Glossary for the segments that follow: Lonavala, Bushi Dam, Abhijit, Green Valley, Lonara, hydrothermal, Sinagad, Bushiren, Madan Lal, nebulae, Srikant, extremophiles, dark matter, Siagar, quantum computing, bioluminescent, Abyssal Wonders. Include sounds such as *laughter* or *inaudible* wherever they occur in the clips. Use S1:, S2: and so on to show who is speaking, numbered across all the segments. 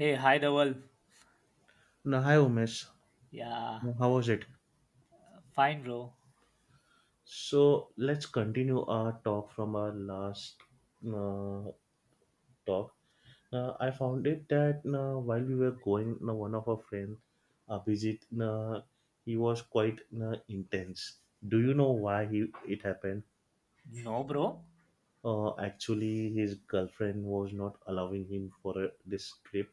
S1: Hey, hi Dhaval.
S2: No, hi Umesh.
S1: Yeah,
S2: No, how was it?
S1: fine, bro.
S2: So let's continue our talk from our last uh, talk. I found it that while we were going, one of our friends, Abhijit, he was quite intense. Do you know why he it happened?
S1: No, bro.
S2: Actually, his girlfriend was not allowing him for this trip,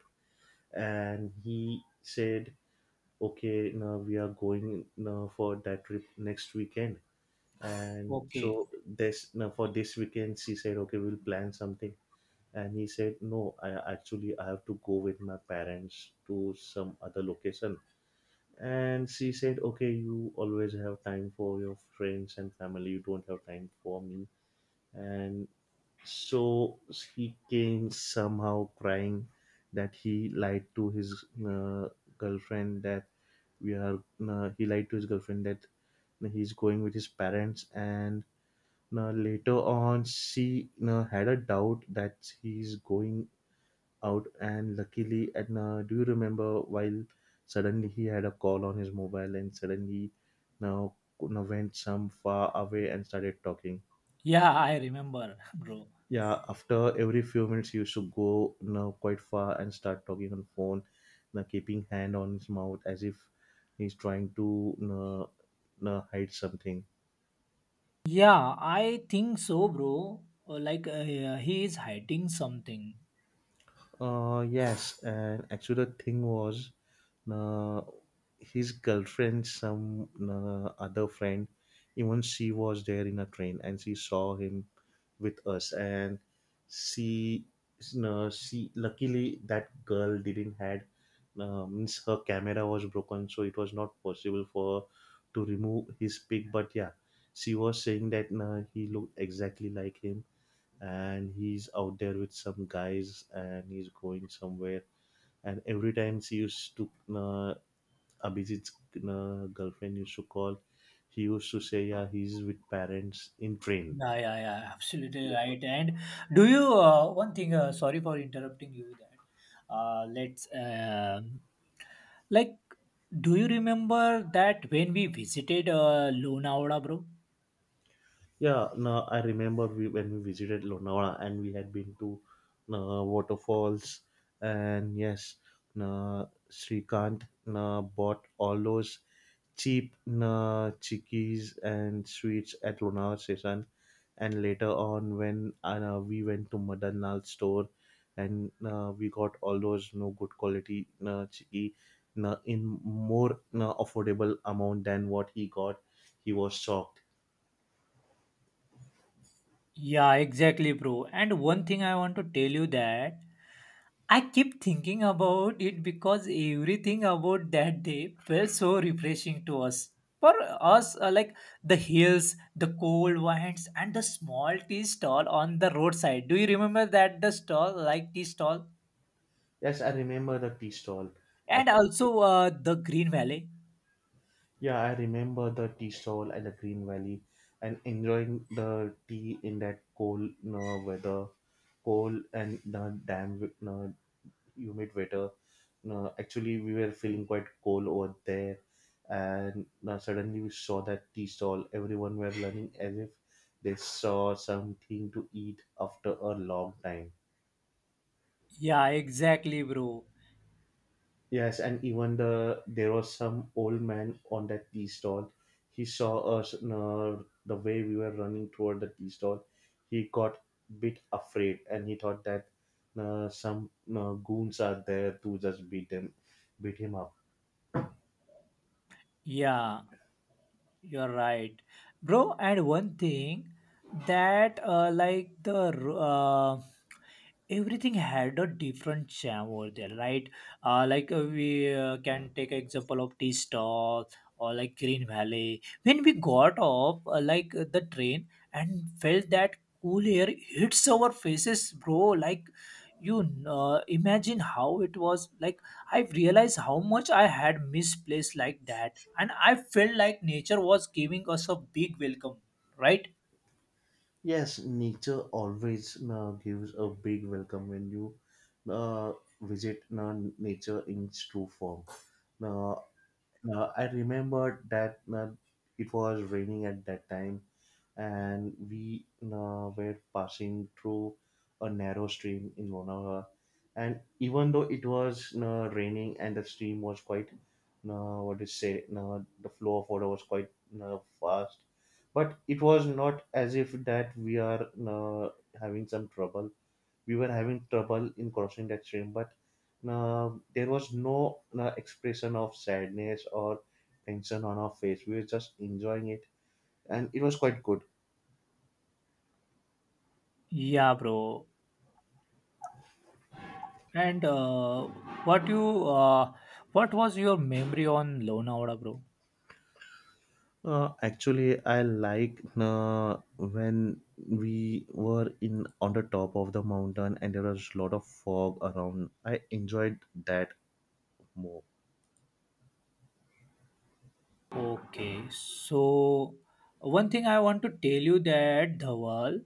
S2: and he said, "Okay, no, we are going for that trip next weekend." And
S1: Okay.
S2: so this now for this weekend she said, okay, we'll plan something. And he said, no, I, actually, I have to go with my parents to some other location. And she said, okay, you always have time for your friends and family, you don't have time for me. And so he came somehow crying that he lied to his girlfriend that we are he lied to his girlfriend that he's going with his parents. And now, later on, she now had a doubt that he's going out, and luckily, at now, do you remember while suddenly he had a call on his mobile and suddenly now, now went some far away and started talking?
S1: Yeah, I remember, *laughs* bro.
S2: Yeah, after every few minutes, he used to go now quite far and start talking on phone, now keeping hand on his mouth as if he's trying to now, now hide something.
S1: Yeah, I think so, bro. Like yeah, he is hiding something.
S2: Yes, and actually the thing was, uh, his girlfriend, some other friend, even she was there in a train and she saw him with us, and she, no, she luckily that girl didn't had, means her camera was broken, so it was not possible for her to remove his pic. But yeah, she was saying that he looked exactly like him and he's out there with some guys and he's going somewhere, and every time she used to uh, Abhijit's girlfriend used to call, he used to say, yeah, he's with parents in train.
S1: Yeah, yeah, yeah. Absolutely
S2: Yeah,
S1: right. And do you one thing? Sorry for interrupting you. That let's like. Do you remember that when we visited Lonavala, bro?
S2: yeah, no, I remember when we visited Lonavala and we had been to waterfalls, and yes, uh, Srikant bought all those cheap chickies and sweets at Lonavala station. And later on, when we went to Madan Lal store and we got all those no good quality chickie in more affordable amount than what he got, he was shocked.
S1: Yeah, exactly, bro. And one thing I want to tell you that I keep thinking about it because everything about that day felt so refreshing to us. For us, like the hills, the cold winds, and the small tea stall on the roadside. Do you remember that the stall, like tea stall,
S2: Yes, I remember the tea stall.
S1: and
S2: Actually,
S1: also the green valley?
S2: yeah, I remember the tea stall at the Green Valley and enjoying the tea in that cold weather, cold and the damn humid weather. No, actually, we were feeling quite cold over there, and now suddenly we saw that tea stall. Everyone were running as if they saw something to eat after a long time.
S1: Yeah, exactly, bro.
S2: Yes, and even the there was some old man on that tea stall. He saw us no, the way we were running toward the tea stall. He got bit afraid, and he thought that some goons are there to just beat them, beat him up.
S1: Yeah, you're right, bro. And one thing that, like the everything had a different charm over there, right? Like we can take example of Tea Stall or like Green Valley. When we got off, like the train, and felt that cool air hits our faces, bro. Like you imagine how it was. Like I realized how much I had misplaced like that, and I felt like nature was giving us a big welcome, right?
S2: Yes, nature always gives a big welcome when you uh, visit nature in its true form. Now, now I remember that it was raining at that time, and we were passing through a narrow stream in Lonavala. And even though it was raining and the stream was quite, what do you say, the flow of water was quite fast, but it was not as if that we are having some trouble. We were having trouble in crossing that stream, but there was no expression of sadness or tension on our face. We were just enjoying it, and it was quite good.
S1: Yeah, bro. And what you uh, what was your memory on Lonavala, bro?
S2: Actually, I like when we were in on the top of the mountain and there was a lot of fog around. I enjoyed that more.
S1: Okay, so one thing I want to tell you that Dhawal,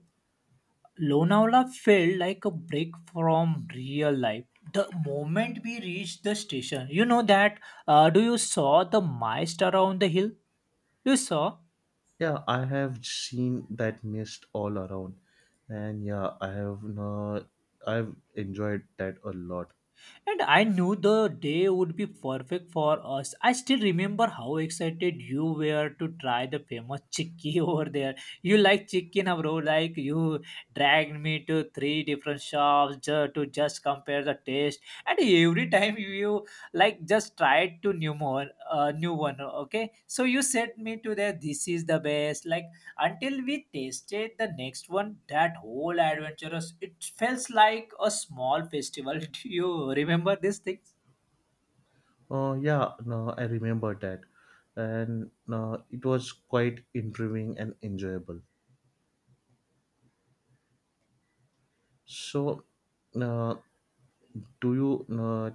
S1: Lonavala felt like a break from real life. The moment we reached the station, you know that. Do you saw the mist around the hill? You saw.
S2: Yeah, I have seen that mist all around, and yeah, I have I've enjoyed that a lot.
S1: And I knew the day would be perfect for us. I still remember how excited you were to try the famous chicky *laughs* over there. You like chicken, bro. Like you dragged me to three different shops to just compare the taste. And every time you like just tried to new more, new one. Okay, so you sent me to there. This is the best. Like until we tasted the next one, that whole adventurous, it felt like a small festival. *laughs* Do you remember these things?
S2: Yeah, no, I remember that, and it was quite intriguing and enjoyable. So, uh, do you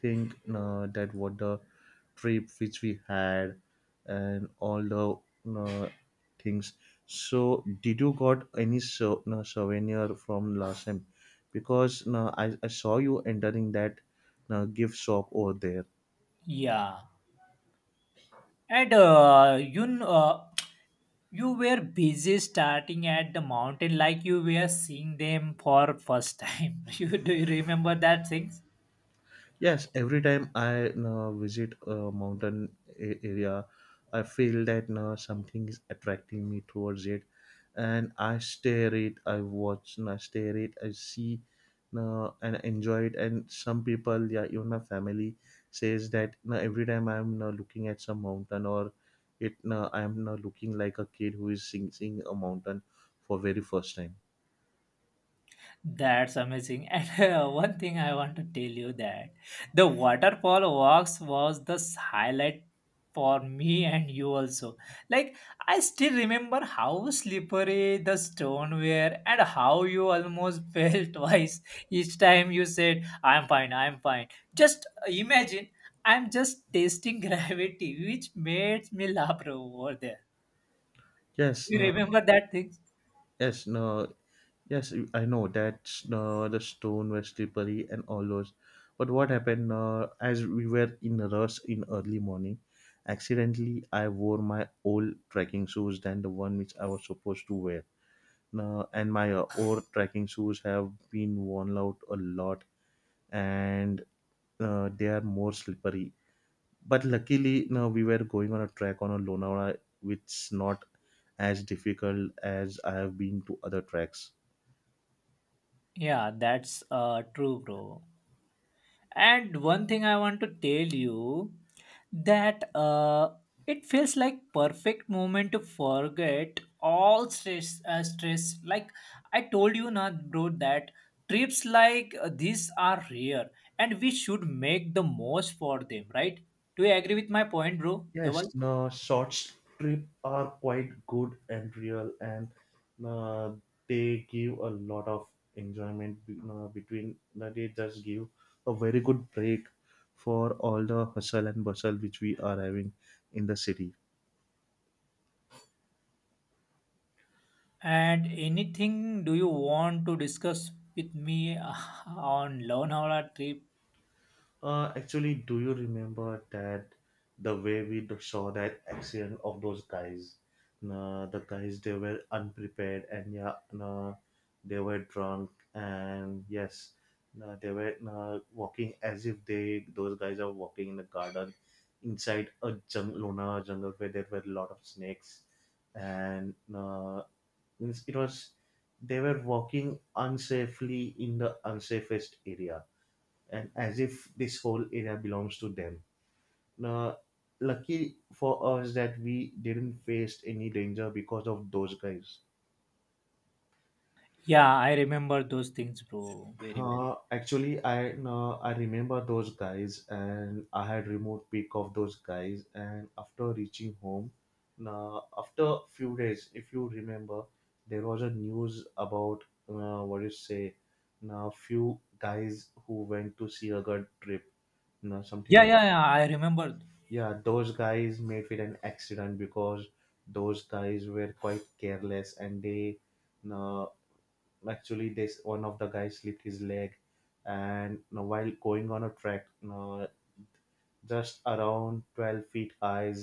S2: think that what the trip which we had and all the uh, things, so did you got any so, souvenir from last time because I saw you entering that gift shop over there.
S1: Yeah, and you were busy starting at the mountain like you were seeing them for first time. *laughs* You, do you remember that things?
S2: Yes, every time I visit a mountain area, I feel that something is attracting me towards it, and I stare it. I watch, and I stare it. I see, and enjoy it. And some people, yeah, even my family says that every time I'm looking at some mountain or it, I'm looking like a kid who is seeing a mountain for very first time.
S1: That's amazing. *laughs* And one thing I want to tell you that the waterfall walks was the highlight for me and you also. Like I still remember how slippery the stone were and how you almost *laughs* fell twice. Each time you said, I'm fine, I'm fine. Just imagine, I'm just testing *laughs* gravity, which made me laugh, bro, over there.
S2: Yes,
S1: You
S2: no,
S1: remember that thing?
S2: yes, no. Yes, you- I know that's the stone were slippery and all those. But what happened as we were in a rush in early morning, accidentally I wore my old trekking shoes than the one which I was supposed to wear. And my old trekking shoes have been worn out a lot and they are more slippery. But luckily, no, we were going on a trek on a Lonavala, which not as difficult as I have been to other tracks.
S1: Yeah, that's true, bro. And one thing I want to tell you that it feels like perfect moment to forget all stress. Like I told you, not bro, that trips like these are rare, and we should make the most for them, right? Do you agree with my point, bro? Double.
S2: Yes, no, short strip are quite good and real, and uh, they give a lot of enjoyment you know, between. They just give a very good break for all the hustle and bustle which we are having in the city.
S1: And anything do you want to discuss with me *laughs* on Lonavala trip?
S2: Actually, do you remember that the way we saw that accident of those guys? Nah, the guys they were unprepared and yeah, nah, they were drunk and yes, nah, they were nah, walking as if they those guys are walking in the garden inside a jungle, Lona jungle where there were a lot of snakes and nah, means it was they were walking unsafely in the unsafest area and as if this whole area belongs to them. Now, lucky for us that we didn't face any danger because of those guys.
S1: Yeah, I remember those things, bro, very well.
S2: Actually, I no, I remember those guys, and I had remote pick of those guys. And after reaching home, now after a few days, if you remember, there was a news about what you say, now few guys who went to see a good trip, now
S1: Yeah,
S2: something,
S1: yeah, yeah. I remember.
S2: yeah, those guys made it an accident because those guys were quite careless and they no actually this one of the guys slipped his leg, and no while going on a track no just around 12 feet high,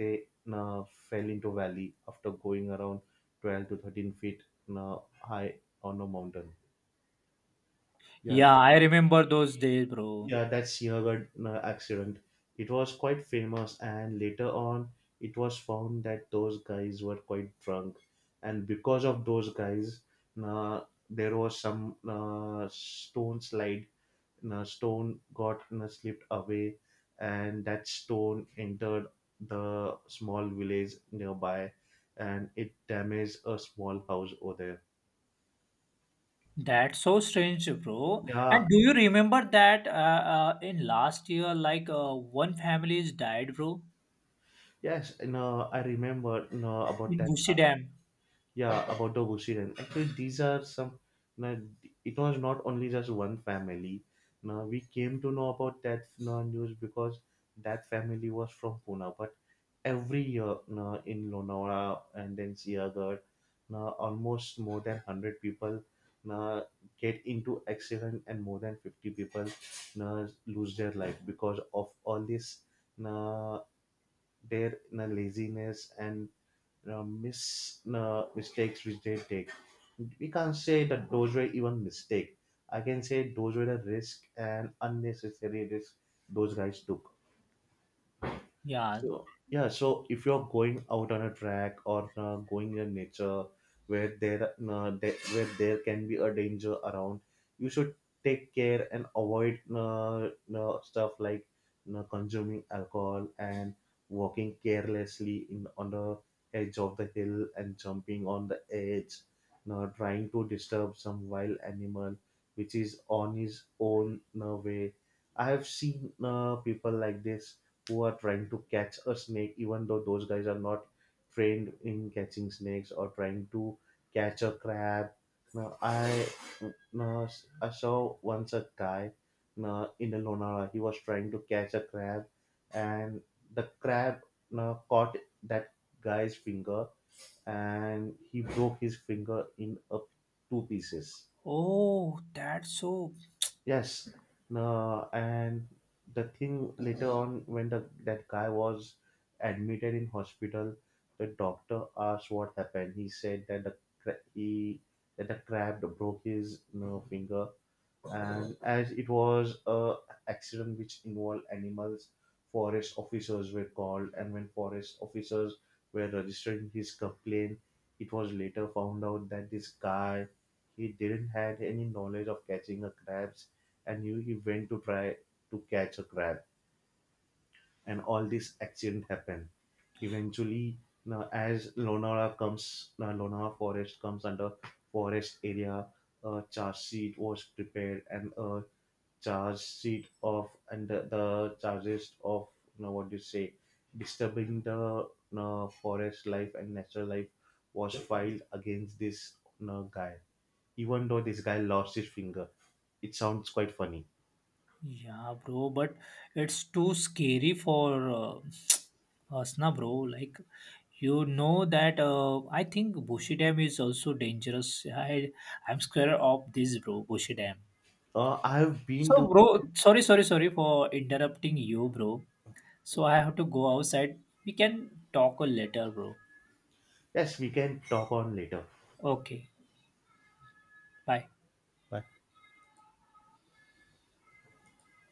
S2: they no fell into valley after going around 12 to 13 feet no high on a mountain, yeah.
S1: Yeah, I remember those days, bro.
S2: Yeah, that Sinagad accident. It was quite famous, and later on, it was found that those guys were quite drunk, and because of those guys, uh, there was some stone slide. Stone got slipped away, and that stone entered the small village nearby, and it damaged a small house over there.
S1: That's so strange, bro.
S2: Yeah,
S1: And do you remember that in last year, like one family is died, bro,
S2: yes, no, I remember no, about
S1: in
S2: that,
S1: Bushi Dam.
S2: yeah, about the Bushiren. Actually, these are some. Now, it was not only just one family. Now we came to know about that now, news because that family was from Pune. But every year now, in Lonavala and then Siagar, now almost more than 100 people now get into accident and more than 50 people now lose their life because of all this now their now, laziness and mistakes which they take. We can't say that those were even mistake. I can say those were the risk and unnecessary risk those guys took.
S1: Yeah.
S2: So yeah, so if you're going out on a track or going in nature where there where there can be a danger around, you should take care and avoid stuff like consuming alcohol and walking carelessly in on the edge of the hill and jumping on the edge, trying to disturb some wild animal which is on his own way. I have seen people like this who are trying to catch a snake, even though those guys are not trained in catching snakes or trying to catch a crab. Now, I now, I saw once a guy now, in the Lonara. He was trying to catch a crab, and the crab now caught that guy's finger, and he broke his finger in a, two pieces.
S1: Oh, that's so.
S2: Yes, no, and the thing later on when the that guy was admitted in hospital, the doctor asked what happened. He said that the cra- he that the crab broke his you know, finger, and as it was a accident which involved animals, forest officers were called, and when forest officers were registering his complaint, it was later found out that this guy he didn't had any knowledge of catching a crabs, and he went to try to catch a crab and all this accident happened eventually. Now as Lonara comes now Lonara forest comes under forest area, a charge sheet was prepared, and a charge sheet of and the charges of you know what do you say disturbing the you know, forest life and natural life was filed against this you know, guy, even though this guy lost his finger, it sounds quite funny.
S1: Yeah, bro. But it's too scary for *tsk* us, na, bro. Like, you know that I think Bushi Dam is also dangerous. I'm scared of this, bro. Bushi Dam.
S2: I have
S1: So,
S2: been to.
S1: bro, sorry for interrupting you, bro. So, I have to go outside. We can talk later, bro.
S2: Yes, we can talk on later.
S1: Okay, bye.
S2: Bye.